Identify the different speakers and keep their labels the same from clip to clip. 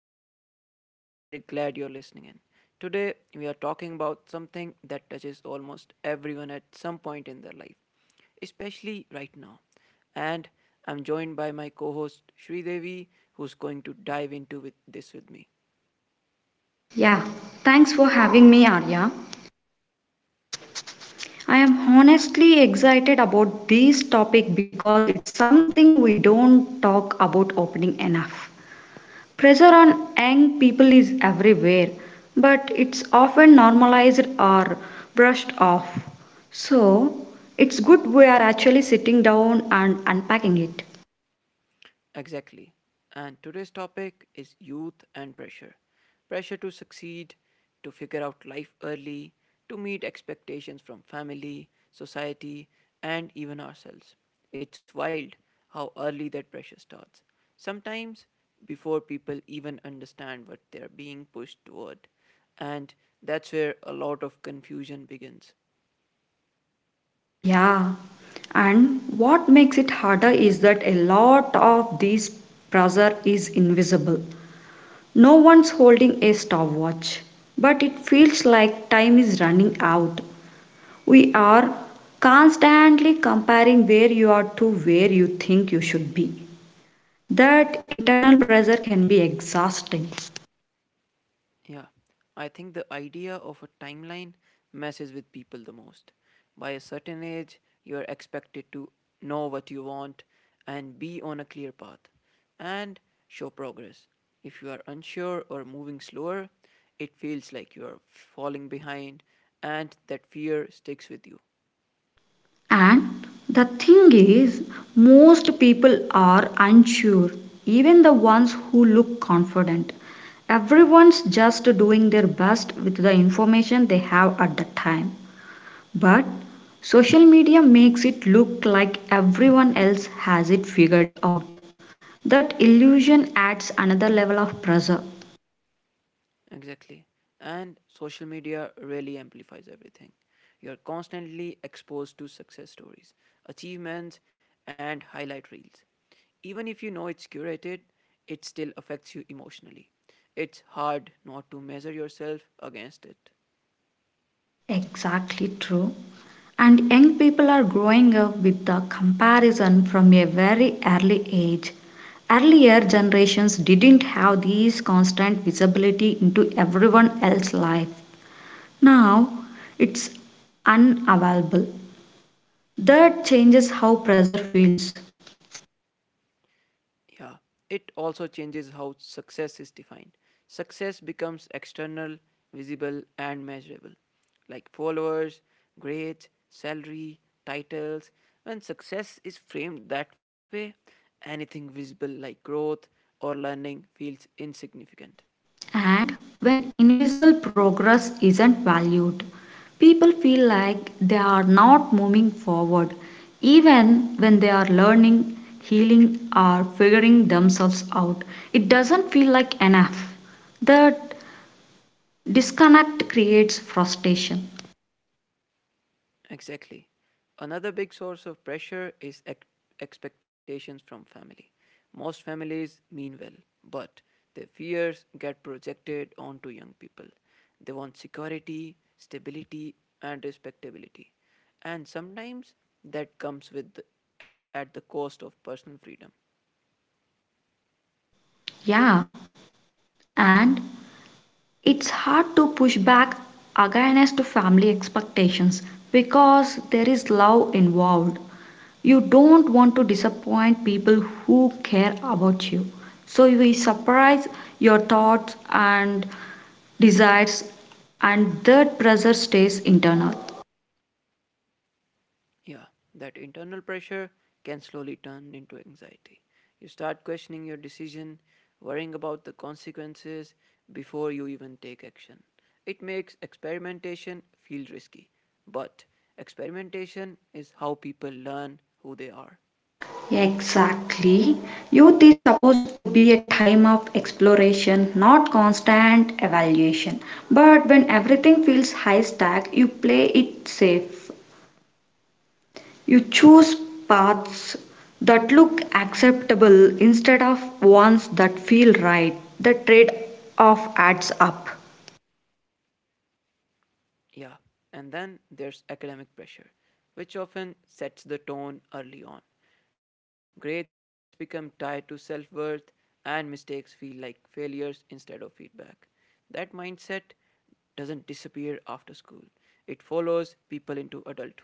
Speaker 1: as always, I'm really glad you're listening in. Today, we are talking about something that touches almost everyone at some point in their life, especially right now. And I'm joined by my co host Sri Devi, who's going to dive into with this with me.
Speaker 2: Yeah, thanks for having me, Arya. I am honestly excited about this topic because it's something we don't talk about opening enough. Pressure on young people is everywhere, but it's often normalized or brushed off. So, it's good we are actually sitting down and unpacking it.
Speaker 1: Exactly. And today's topic is youth and pressure. Pressure to succeed, to figure out life early, to meet expectations from family, society, and even ourselves. It's wild how early that pressure starts. Sometimes before people even understand what they're being pushed toward. And that's where a lot of confusion begins.
Speaker 2: Yeah, and what makes it harder is that a lot of this pressure is invisible. No one's holding a stopwatch, but it feels like time is running out. We are constantly comparing where you are to where you think you should be. That internal pressure can be exhausting.
Speaker 1: Yeah, I think the idea of a timeline messes with people the most. By a certain age, you are expected to know what you want and be on a clear path and show progress. If you are unsure or moving slower, it feels like you are falling behind and that fear sticks with you.
Speaker 2: And the thing is, most people are unsure, even the ones who look confident. Everyone's just doing their best with the information they have at the time. But social media makes it look like everyone else has it figured out. That illusion adds another level of pressure.
Speaker 1: Exactly. And social media really amplifies everything. You're constantly exposed to success stories, achievements, and highlight reels. Even if you know it's curated, it still affects you emotionally. It's hard not to measure yourself against it.
Speaker 2: Exactly true. And young people are growing up with the comparison from a very early age. Earlier generations didn't have these constant visibility into everyone else's life. Now it's unavailable. That changes how pressure feels.
Speaker 1: Yeah, it also changes how success is defined. Success becomes external, visible, and measurable, like followers, grades, salary, titles. When success is framed that way, anything visible like growth or learning feels insignificant.
Speaker 2: And when invisible progress isn't valued, people feel like they are not moving forward, even when they are learning, healing, or figuring themselves out. It doesn't feel like enough. The disconnect creates frustration.
Speaker 1: Exactly. Another big source of pressure is expectations from family. Most families mean well, but their fears get projected onto young people. They want security, stability, and respectability. And sometimes that comes with at the cost of personal freedom.
Speaker 2: Yeah, and it's hard to push back against family expectations because there is love involved. You don't want to disappoint people who care about you, so you will surprise your thoughts and desires, and that pressure stays internal.
Speaker 1: Yeah, that internal pressure can slowly turn into anxiety. You start questioning your decision, worrying about the consequences before you even take action. It makes experimentation feel risky, but experimentation is how people learn who they are.
Speaker 2: Exactly. Youth is supposed to be a time of exploration, not constant evaluation. But when everything feels high stack, you play it safe. You choose paths that look acceptable instead of ones that feel right. The trade off adds up.
Speaker 1: Yeah. And then there's academic pressure, which often sets the tone early on. Grades become tied to self worth, and mistakes feel like failures instead of feedback. That mindset doesn't disappear after school, it follows people into adulthood.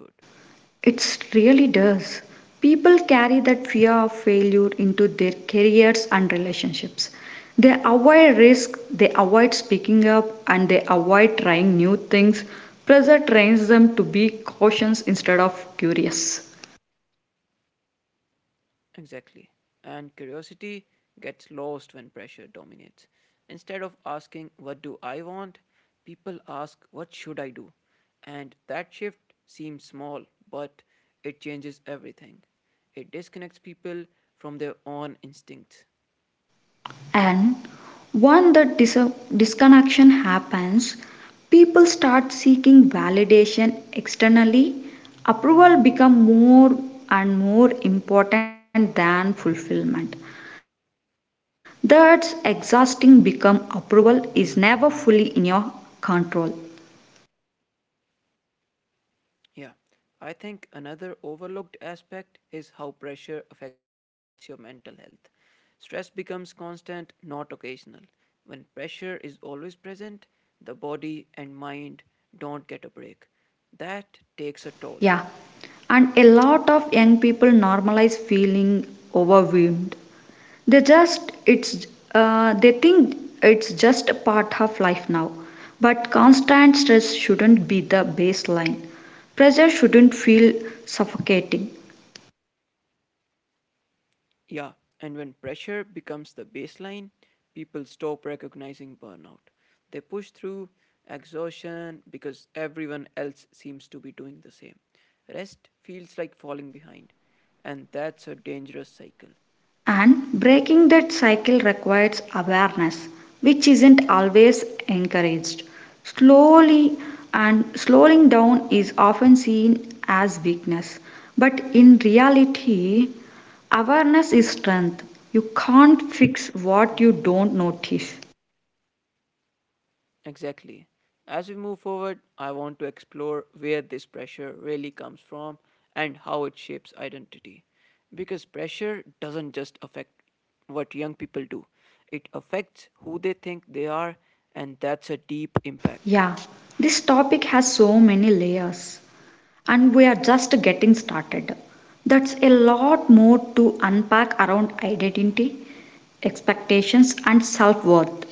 Speaker 2: It really does. People carry that fear of failure into their careers and relationships. They avoid risk, they avoid speaking up, and they avoid trying new things. Pressure trains them to be cautious instead of curious.
Speaker 1: Exactly. And curiosity gets lost when pressure dominates. Instead of asking, what do I want? People ask, what should I do? And that shift seems small, but it changes everything. It disconnects people from their own instincts.
Speaker 2: And when the dis disconnection happens, people start seeking validation externally. Approval become more and more important than fulfillment. That's exhausting become approval is never fully in your control.
Speaker 1: Yeah, I think another overlooked aspect is how pressure affects your mental health. Stress becomes constant, not occasional. When pressure is always present, the body and mind don't get a break. That takes a
Speaker 2: Yeah,
Speaker 1: toll.
Speaker 2: and a lot of young people normalize feeling overwhelmed. They just it's they think it's just a part of life now, but constant stress shouldn't be the baseline. Pressure shouldn't feel suffocating.
Speaker 1: Yeah, and when pressure becomes the baseline, people stop recognizing burnout. They push through exhaustion because everyone else seems to be doing the same. Rest feels like falling behind, and that's a dangerous cycle.
Speaker 2: And breaking that cycle requires awareness, which isn't always encouraged. Slowly and slowing down is often seen as weakness, but in reality awareness is strength. You can't fix what you don't notice.
Speaker 1: Exactly. As we move forward, I want to explore where this pressure really comes from and how it shapes identity. Because pressure doesn't just affect what young people do, it affects who they think they are, and that's a deep impact.
Speaker 2: Yeah, this topic has so many layers, and we are just getting started. That's a lot more to unpack around identity, expectations, and self worth.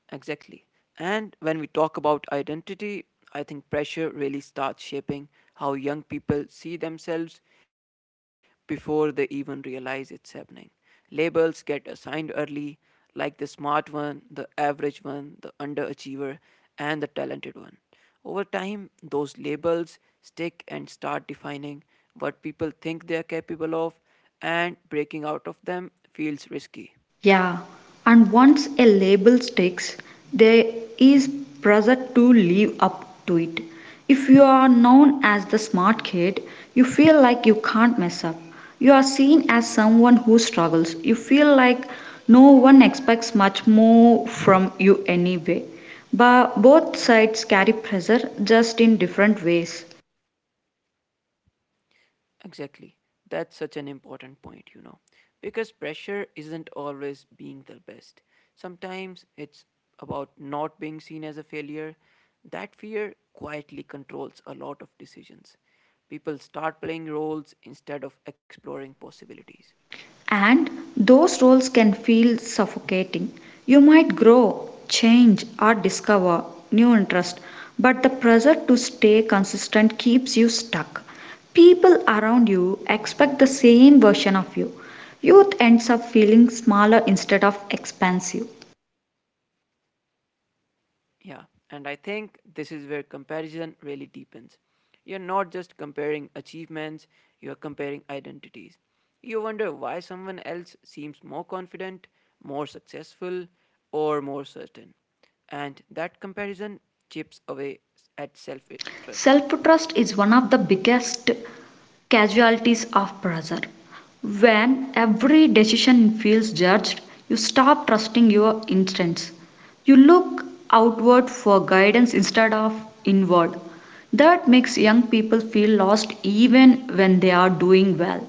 Speaker 1: Exactly. And when we talk about identity, I think pressure really starts shaping how young people see themselves before they even realize it's happening. Labels get assigned early, like the smart one, the average one, the underachiever, and the talented one. Over time, those labels stick and start defining what people think they are capable of, and breaking out of them feels risky.
Speaker 2: Yeah, and once a label sticks, there is pressure to live up to it. If you are known as the smart kid, you feel like you can't mess up. You are seen as someone who struggles. You feel like no one expects much more from you anyway. But both sides carry pressure just in different ways.
Speaker 1: Exactly. That's such an important point, you know. Because pressure isn't always being the best. Sometimes it's about not being seen as a failure. That fear quietly controls a lot of decisions. People start playing roles instead of exploring possibilities.
Speaker 2: And those roles can feel suffocating. You might grow, change, or discover new interest, but the pressure to stay consistent keeps you stuck. People around you expect the same version of you. Youth ends up feeling smaller instead of expansive.
Speaker 1: Yeah, and I think this is where comparison really deepens. You're not just comparing achievements, you're comparing identities. You wonder why someone else seems more confident, more successful, or more certain. And that comparison chips away at self
Speaker 2: Self
Speaker 1: trust.
Speaker 2: trust is one of the biggest casualties of pressure. When every decision feels judged, you stop trusting your instincts. You look outward for guidance instead of inward. That makes young people feel lost even when they are doing well.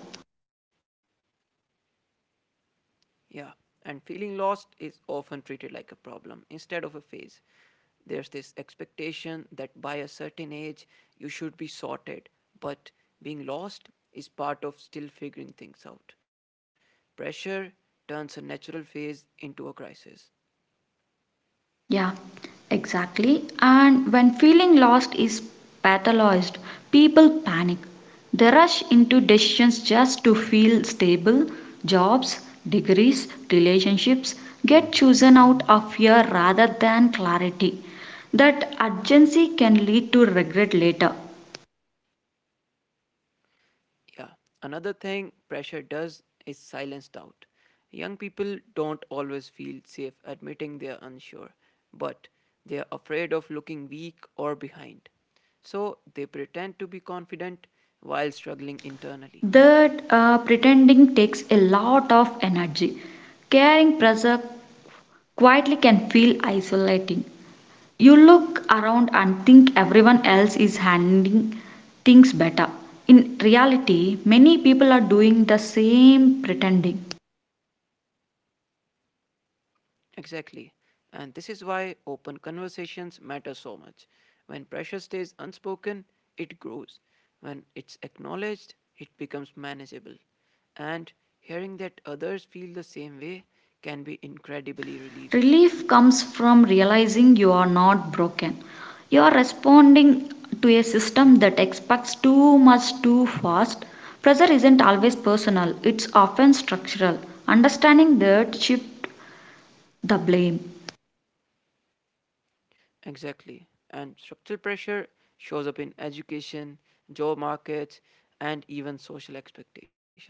Speaker 1: Yeah, and feeling lost is often treated like a problem instead of a phase. There's this expectation that by a certain age you should be sorted, but being lost is part of still figuring things out. Pressure turns a natural phase into a crisis.
Speaker 2: Yeah, exactly. And when feeling lost is pathologized, people panic. They rush into decisions just to feel stable. Jobs, degrees, relationships get chosen out of fear rather than clarity. That urgency can lead to regret later.
Speaker 1: Yeah. Another thing pressure does is silence doubt. Young people don't always feel safe admitting they are unsure, but they are afraid of looking weak or behind. So they pretend to be confident while struggling internally.
Speaker 2: That pretending takes a lot of energy. Caring pressure quietly can feel isolating. You look around and think everyone else is handling things better. In reality, many people are doing the same pretending.
Speaker 1: Exactly. And this is why open conversations matter so much. When pressure stays unspoken, it grows. When it's acknowledged, it becomes manageable. And hearing that others feel the same way can be incredibly relieving.
Speaker 2: Relief comes from realizing you are not broken. You are responding to a system that expects too much too fast. Pressure isn't always personal, it's often structural. Understanding that shifts the blame.
Speaker 1: Exactly. And structural pressure shows up in education, job markets, and even social expectations.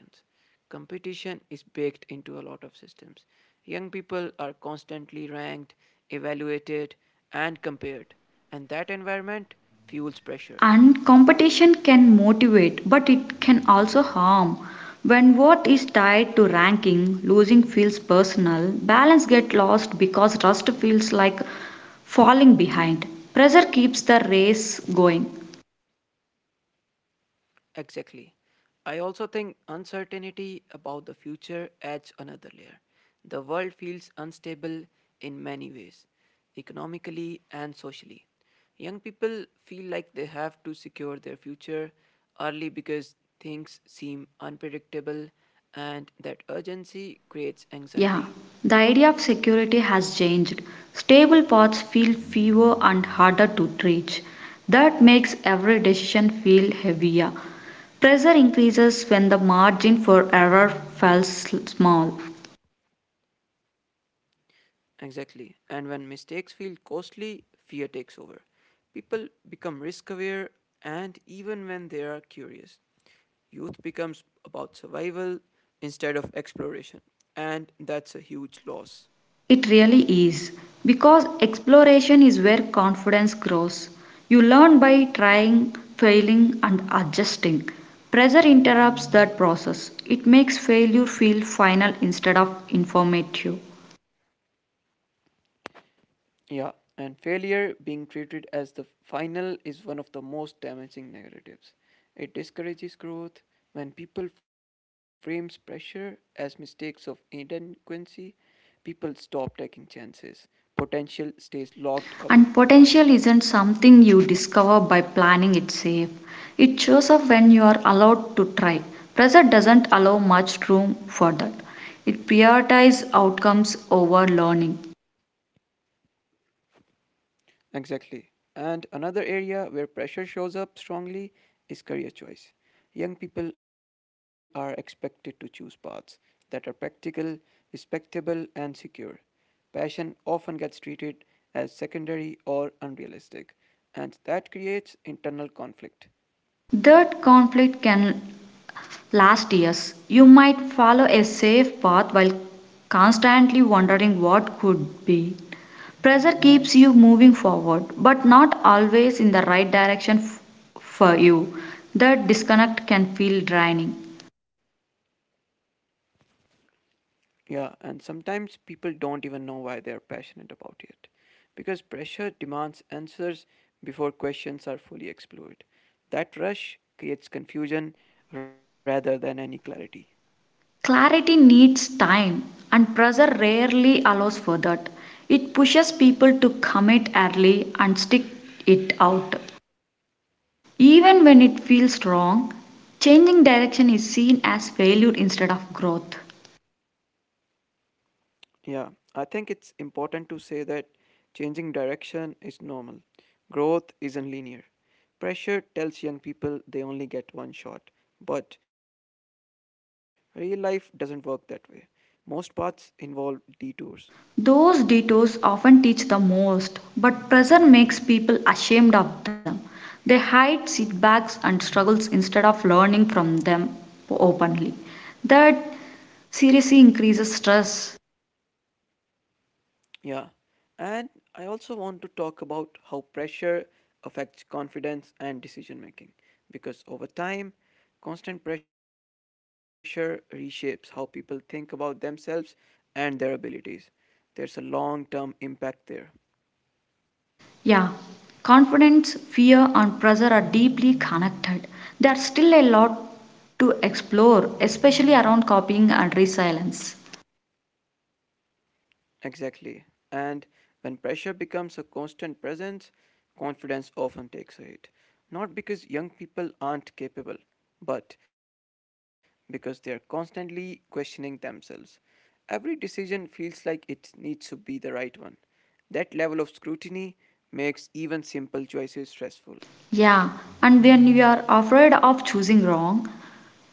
Speaker 1: Competition is baked into a lot of systems. Young people are constantly ranked, evaluated, and compared. And that environment fuels pressure.
Speaker 2: And competition can motivate, but it can also harm. When worth is tied to ranking, losing feels personal, balance gets lost because rust feels like falling behind. Pressure keeps the race going.
Speaker 1: Exactly. I also think uncertainty about the future adds another layer. The world feels unstable in many ways, economically and socially. Young people feel like they have to secure their future early because things seem unpredictable, and that urgency creates
Speaker 2: Yeah,
Speaker 1: anxiety.
Speaker 2: the idea of security has changed. Stable paths feel fewer and harder to reach. That makes every decision feel heavier. Pressure increases when the margin for error falls small.
Speaker 1: Exactly. And when mistakes feel costly, fear takes over. People become risk aware and even when they are curious. Youth becomes about survival instead of exploration. And that's a huge loss.
Speaker 2: It really is. Because exploration is where confidence grows. You learn by trying, failing, and adjusting. Pressure interrupts that process. It makes failure feel final instead of informative.
Speaker 1: Yeah, and failure being treated as the final is one of the most damaging narratives. It discourages growth. When people frames pressure as mistakes of inadequacy, people stop taking chances. Potential stays locked away.
Speaker 2: And potential isn't something you discover by planning it safe. It shows up when you are allowed to try. Pressure doesn't allow much room for that. It prioritizes outcomes over learning.
Speaker 1: Exactly. And another area where pressure shows up strongly is career choice. Young people are expected to choose paths that are practical, respectable, and secure. Passion often gets treated as secondary or unrealistic, and that creates internal conflict.
Speaker 2: That conflict can last years. You might follow a safe path while constantly wondering what could be. Pressure keeps you moving forward, but not always in the right direction for you. The disconnect can feel draining.
Speaker 1: Yeah, and sometimes people don't even know why they're passionate about it. Because pressure demands answers before questions are fully explored. That rush creates confusion rather than any clarity.
Speaker 2: Clarity needs time, and pressure rarely allows for that. It pushes people to commit early and stick it out. Even when it feels wrong, changing direction is seen as failure instead of growth.
Speaker 1: Yeah, I think it's important to say that changing direction is normal. Growth isn't linear. Pressure tells young people they only get one shot, but real life doesn't work that way. Most paths involve detours.
Speaker 2: Those detours often teach the most, but pressure makes people ashamed of them. They hide setbacks and struggles instead of learning from them openly. That seriously increases stress.
Speaker 1: Yeah. And I also want to talk about how pressure affects confidence and decision making. Because over time, constant pressure reshapes how people think about themselves and their abilities. There's a long term impact there.
Speaker 2: Yeah, confidence, fear, and pressure are deeply connected. There are still a lot to explore, especially around copying and resilience.
Speaker 1: Exactly. And when pressure becomes a constant presence, confidence often takes a hit. Not because young people aren't capable, but because they are constantly questioning themselves. Every decision feels like it needs to be the right one. That level of scrutiny makes even simple choices stressful.
Speaker 2: Yeah, and when you are afraid of choosing wrong,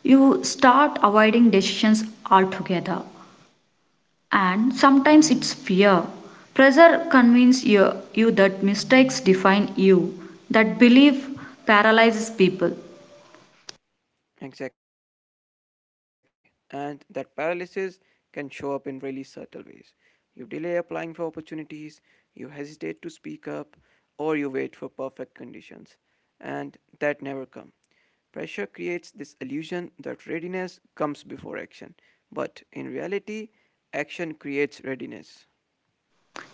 Speaker 2: you start avoiding decisions altogether. And sometimes it's fear. Pressure convinces you that mistakes define you. That belief paralyzes people.
Speaker 1: Exactly. And that paralysis can show up in really subtle ways. You delay applying for opportunities, you hesitate to speak up, or you wait for perfect conditions. And that never come. Pressure creates this illusion that readiness comes before action, but in reality, action creates readiness.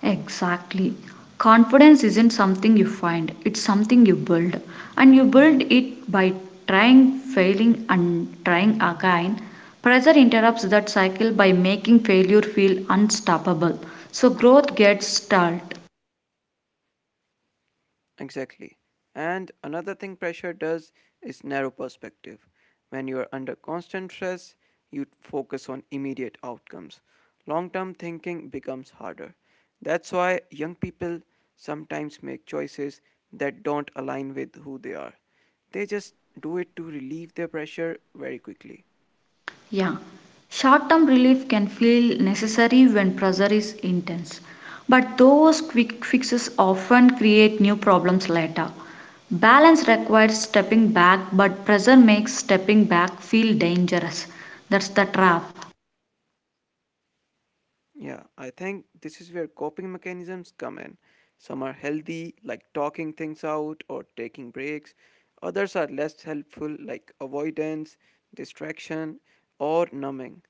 Speaker 2: Exactly. Confidence isn't something you find, it's something you build. And you build it by trying, failing, and trying again. Pressure interrupts that cycle by making failure feel unstoppable. So growth gets stalled.
Speaker 1: Exactly. And another thing pressure does is narrow perspective. When you are under constant stress, you focus on immediate outcomes. Long term thinking becomes harder. That's why young people sometimes make choices that don't align with who they are. They just do it to relieve their pressure very quickly.
Speaker 2: Yeah, short term relief can feel necessary when pressure is intense, but those quick fixes often create new problems later. Balance requires stepping back, but pressure makes stepping back feel dangerous. That's the trap.
Speaker 1: Yeah, I think this is where coping mechanisms come in. Some are healthy, like talking things out or taking breaks. Others are less helpful, like avoidance, distraction, or numbing.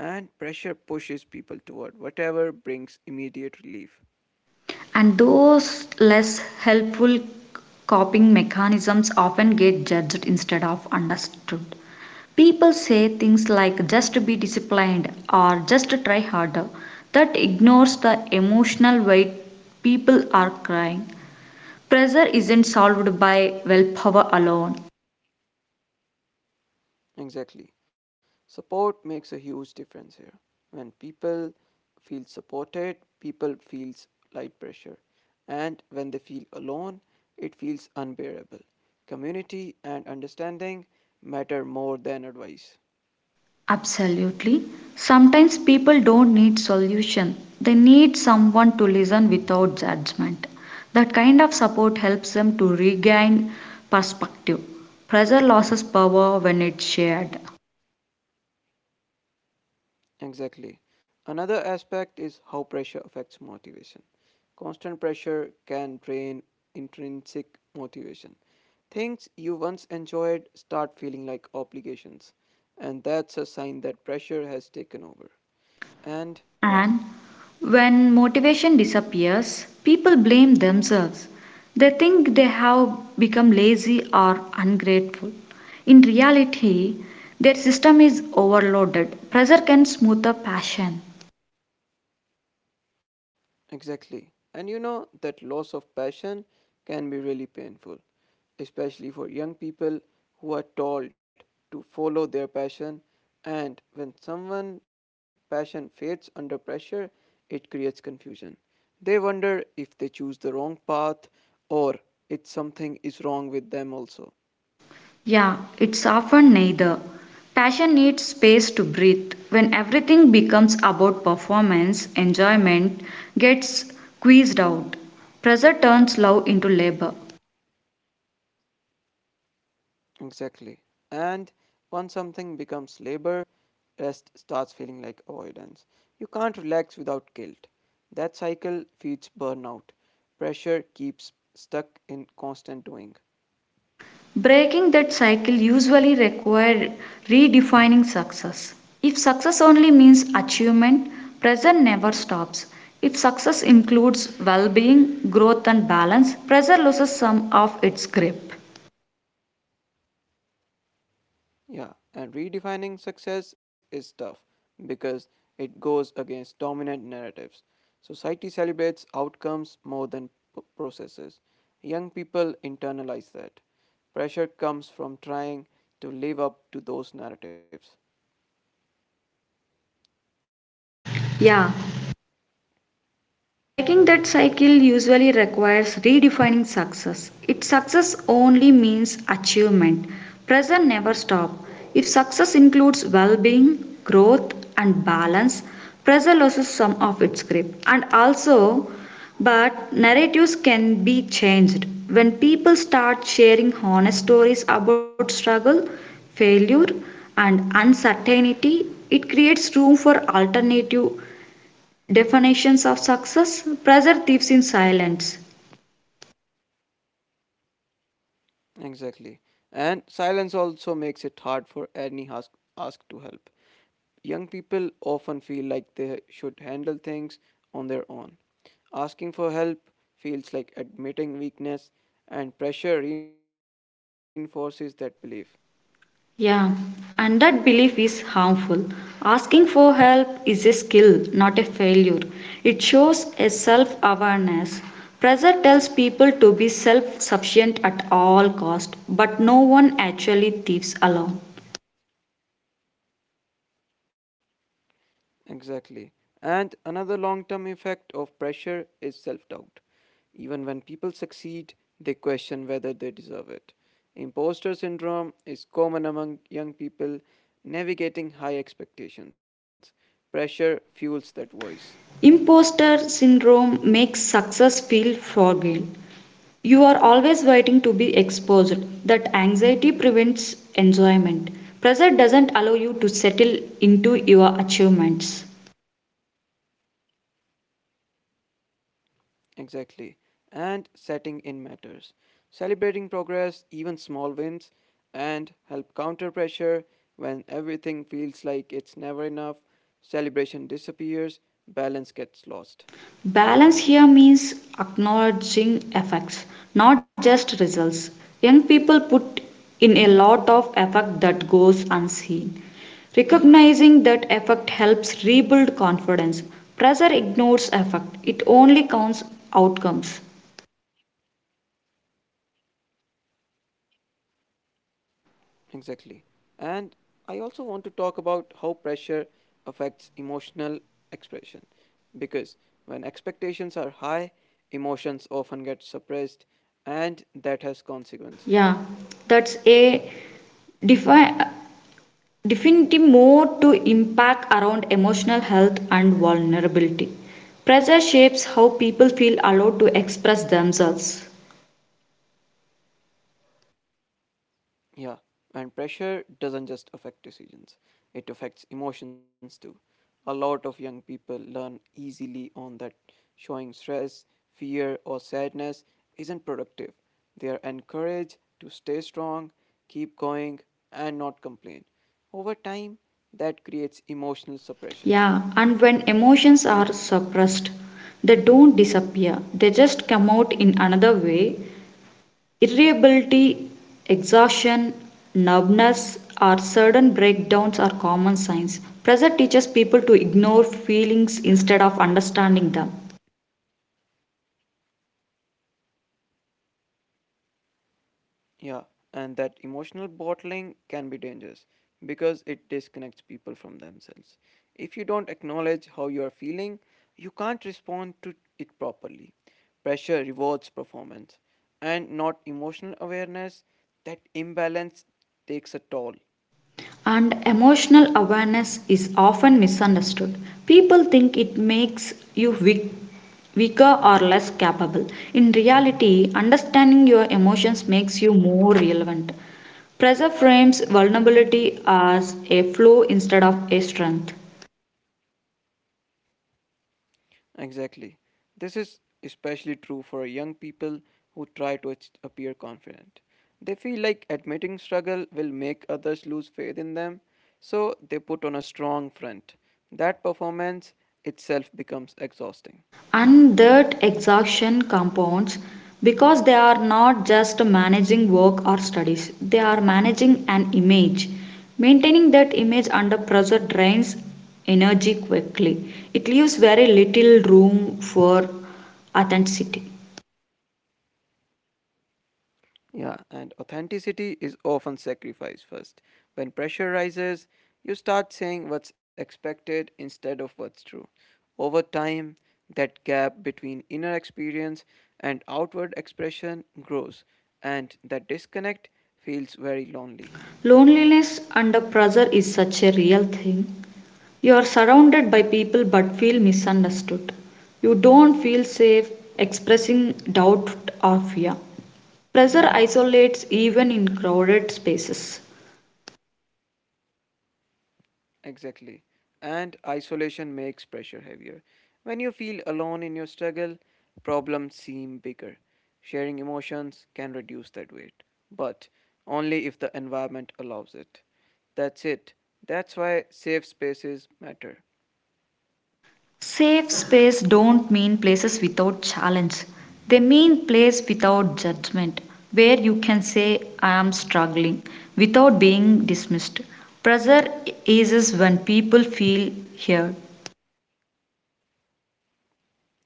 Speaker 1: And pressure pushes people toward whatever brings immediate relief.
Speaker 2: And those less helpful coping mechanisms often get judged instead of understood. People say things like just be disciplined or just try harder. That ignores the emotional weight people are crying. Pressure isn't solved by willpower alone.
Speaker 1: Exactly. Support makes a huge difference here. When people feel supported, people feels light pressure. And when they feel alone, it feels unbearable. Community and understanding matter more than advice.
Speaker 2: Absolutely. Sometimes people don't need solution. They need someone to listen without judgment. That kind of support helps them to regain perspective. Pressure loses power when it's shared.
Speaker 1: Exactly. Another aspect is how pressure affects motivation. Constant pressure can drain intrinsic motivation. Things you once enjoyed start feeling like obligations, and that's a sign that pressure has taken over. And yeah,
Speaker 2: And when motivation disappears, people blame themselves. They think they have become lazy or ungrateful. In reality, their system is overloaded. Pressure can smother passion.
Speaker 1: exactly. And you know that loss of passion can be really painful, especially for young people who are told to follow their passion. And when someone's passion fades under pressure, it creates confusion. They wonder if they choose the wrong path or if something is wrong with them also.
Speaker 2: Yeah, it's often neither. Passion needs space to breathe. When everything becomes about performance, enjoyment gets squeezed out. Pressure turns love into labor.
Speaker 1: Exactly. And once something becomes labor, rest starts feeling like avoidance. You can't relax without guilt. That cycle feeds burnout. Pressure keeps stuck in constant doing.
Speaker 2: Breaking that cycle usually requires redefining success. If success only means achievement, pressure never stops. If success includes well being, growth, and balance, pressure loses some of its grip.
Speaker 1: Yeah, and redefining success is tough because it goes against dominant narratives. Society celebrates outcomes more than processes. Young people internalize that. Pressure comes from trying to live up to those narratives.
Speaker 2: Yeah, breaking that cycle usually requires redefining success. Its success only means achievement, pressure never stops. If success includes well being, growth, and balance, pressure loses some of its grip. And also, but narratives can be changed. When people start sharing honest stories about struggle, failure, and uncertainty, it creates room for alternative definitions of success. Pressure thieves in silence.
Speaker 1: Exactly. And silence also makes it hard for any ask to help. Young people often feel like they should handle things on their own. Asking for help feels like admitting weakness, and pressure reinforces that belief.
Speaker 2: Yeah, and that belief is harmful. Asking for help is a skill, not a failure. It shows a self awareness. Pressure tells people to be self sufficient at all cost, but no one actually thieves alone.
Speaker 1: Exactly. And another long term effect of pressure is self doubt. Even when people succeed, they question whether they deserve it. Imposter syndrome is common among young people navigating high expectations. Pressure fuels that voice.
Speaker 2: Imposter syndrome makes success feel fragile. You are always waiting to be exposed. That anxiety prevents enjoyment. Pressure doesn't allow you to settle into your achievements.
Speaker 1: Exactly. And setting in matters. Celebrating progress, even small wins, and help counter pressure when everything feels like it's never enough. Celebration disappears, balance gets lost.
Speaker 2: Balance here means acknowledging effects, not just results. Young people put in a lot of effort that goes unseen. Recognizing that effort helps rebuild confidence. Pressure ignores effort. It only counts outcomes.
Speaker 1: Exactly. And I also want to talk about how pressure affects emotional expression. Because when expectations are high, emotions often get suppressed, and that has consequences.
Speaker 2: Yeah, that's a defi- definitely more to impact around emotional health and vulnerability. Pressure shapes how people feel allowed to express themselves.
Speaker 1: Yeah, and pressure doesn't just affect decisions, it affects emotions too. A lot of young people learn easily on that showing stress, fear, or sadness isn't productive. They are encouraged to stay strong, keep going, and not complain. Over time, that creates emotional suppression.
Speaker 2: Yeah, and when emotions are suppressed, they don't disappear, they just come out in another way. Irritability, exhaustion, numbness, or sudden breakdowns are common signs. Pressure teaches people to ignore feelings instead of understanding them.
Speaker 1: Yeah, and that emotional bottling can be dangerous because it disconnects people from themselves. If you don't acknowledge how you are feeling, you can't respond to it properly. Pressure rewards performance and not emotional awareness. That imbalance takes a toll.
Speaker 2: And emotional awareness is often misunderstood. People think it makes you weak, weaker or less capable. In reality, understanding your emotions makes you more relevant. Pressure frames vulnerability as a flaw instead of a strength.
Speaker 1: Exactly. This is especially true for young people who try to appear confident. They feel like admitting struggle will make others lose faith in them, so they put on a strong front. That performance itself becomes exhausting.
Speaker 2: And that exhaustion compounds because they are not just managing work or studies, they are managing an image. Maintaining that image under pressure drains energy quickly. It leaves very little room for authenticity.
Speaker 1: Yeah, and authenticity is often sacrificed first. When pressure rises, you start saying what's expected instead of what's true. Over time, that gap between inner experience and outward expression grows, and that disconnect feels very lonely.
Speaker 2: Loneliness under pressure is such a real thing. You are surrounded by people but feel misunderstood. You don't feel safe expressing doubt or fear. Pressure isolates even in crowded spaces.
Speaker 1: Exactly. And isolation makes pressure heavier. When you feel alone in your struggle, problems seem bigger. Sharing emotions can reduce that weight, but only if the environment allows it. That's it. That's why safe spaces matter.
Speaker 2: Safe space don't mean places without challenge. They mean place without judgment, where you can say I am struggling without being dismissed. Pressure eases when people feel heard.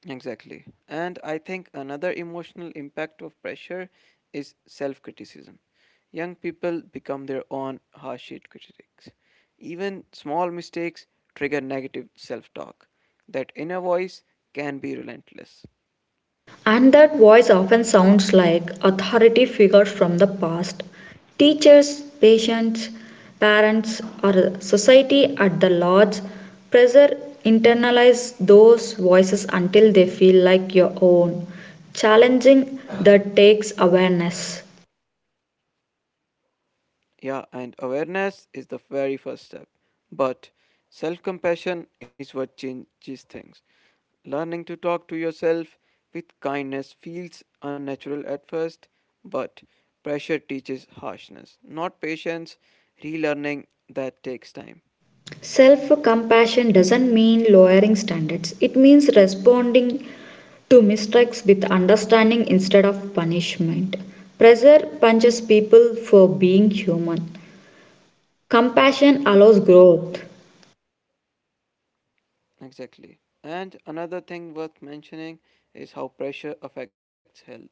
Speaker 1: Exactly. And I think another emotional impact of pressure is self criticism. Young people become their own harsh critics. Even small mistakes trigger negative self talk. That inner voice can be relentless.
Speaker 2: And that voice often sounds like authority figures from the past: teachers, patients, parents, or society at the large. Pressure internalize those voices until they feel like your own. Challenging that takes awareness.
Speaker 1: Yeah, and awareness is the very first step. But self compassion is what changes things. Learning to talk to yourself with kindness feels unnatural at first, but pressure teaches harshness, not patience. Relearning that takes time.
Speaker 2: Self compassion doesn't mean lowering standards, it means responding to mistakes with understanding instead of punishment. Pressure punches people for being human. Compassion allows growth.
Speaker 1: Exactly. And another thing worth mentioning is how pressure affects health.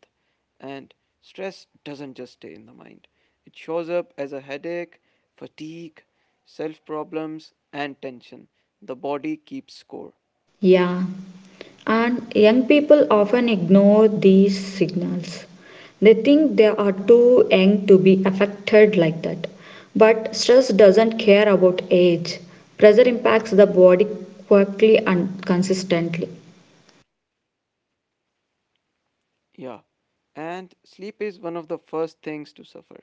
Speaker 1: And stress doesn't just stay in the mind, it shows up as a headache, fatigue, self problems, and tension. The body keeps score.
Speaker 2: Yeah, and young people often ignore these signals. They think they are too young to be affected like that. But stress doesn't care about age. Pressure impacts the body quickly and consistently.
Speaker 1: Yeah, and sleep is one of the first things to suffer.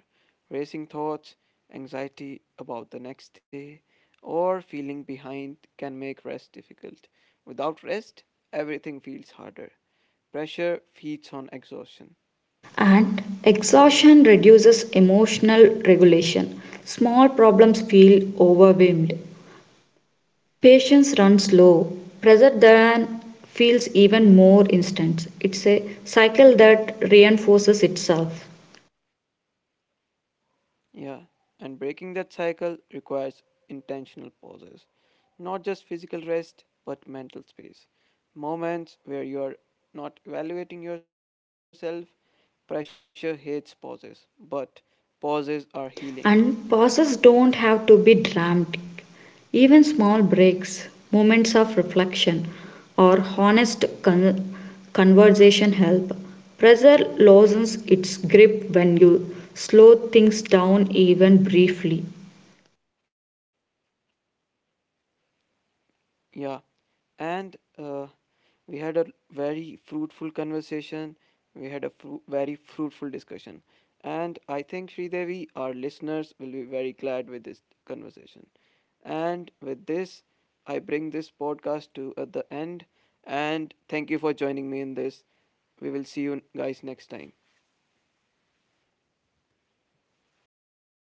Speaker 1: Racing thoughts, anxiety about the next day, or feeling behind can make rest difficult. Without rest, everything feels harder. Pressure feeds on exhaustion.
Speaker 2: And exhaustion reduces emotional regulation. Small problems feel overwhelmed. Patience runs low. Pressure then feels even more instant. It's a cycle that reinforces itself.
Speaker 1: Yeah, and breaking that cycle requires intentional pauses, not just physical rest, but mental space. Moments where you're not evaluating yourself. Pressure hates pauses, but pauses are healing.
Speaker 2: And pauses don't have to be dramatic. Even small breaks, moments of reflection, or honest conversation help. Pressure loosens its grip when you slow things down even briefly.
Speaker 1: Yeah, and we had a very fruitful conversation. We had a very fruitful discussion, and I think Sridevi, our listeners, will be very glad with this conversation. And with this, I bring this podcast to at the end. And thank you for joining me in this. We will see you guys next time.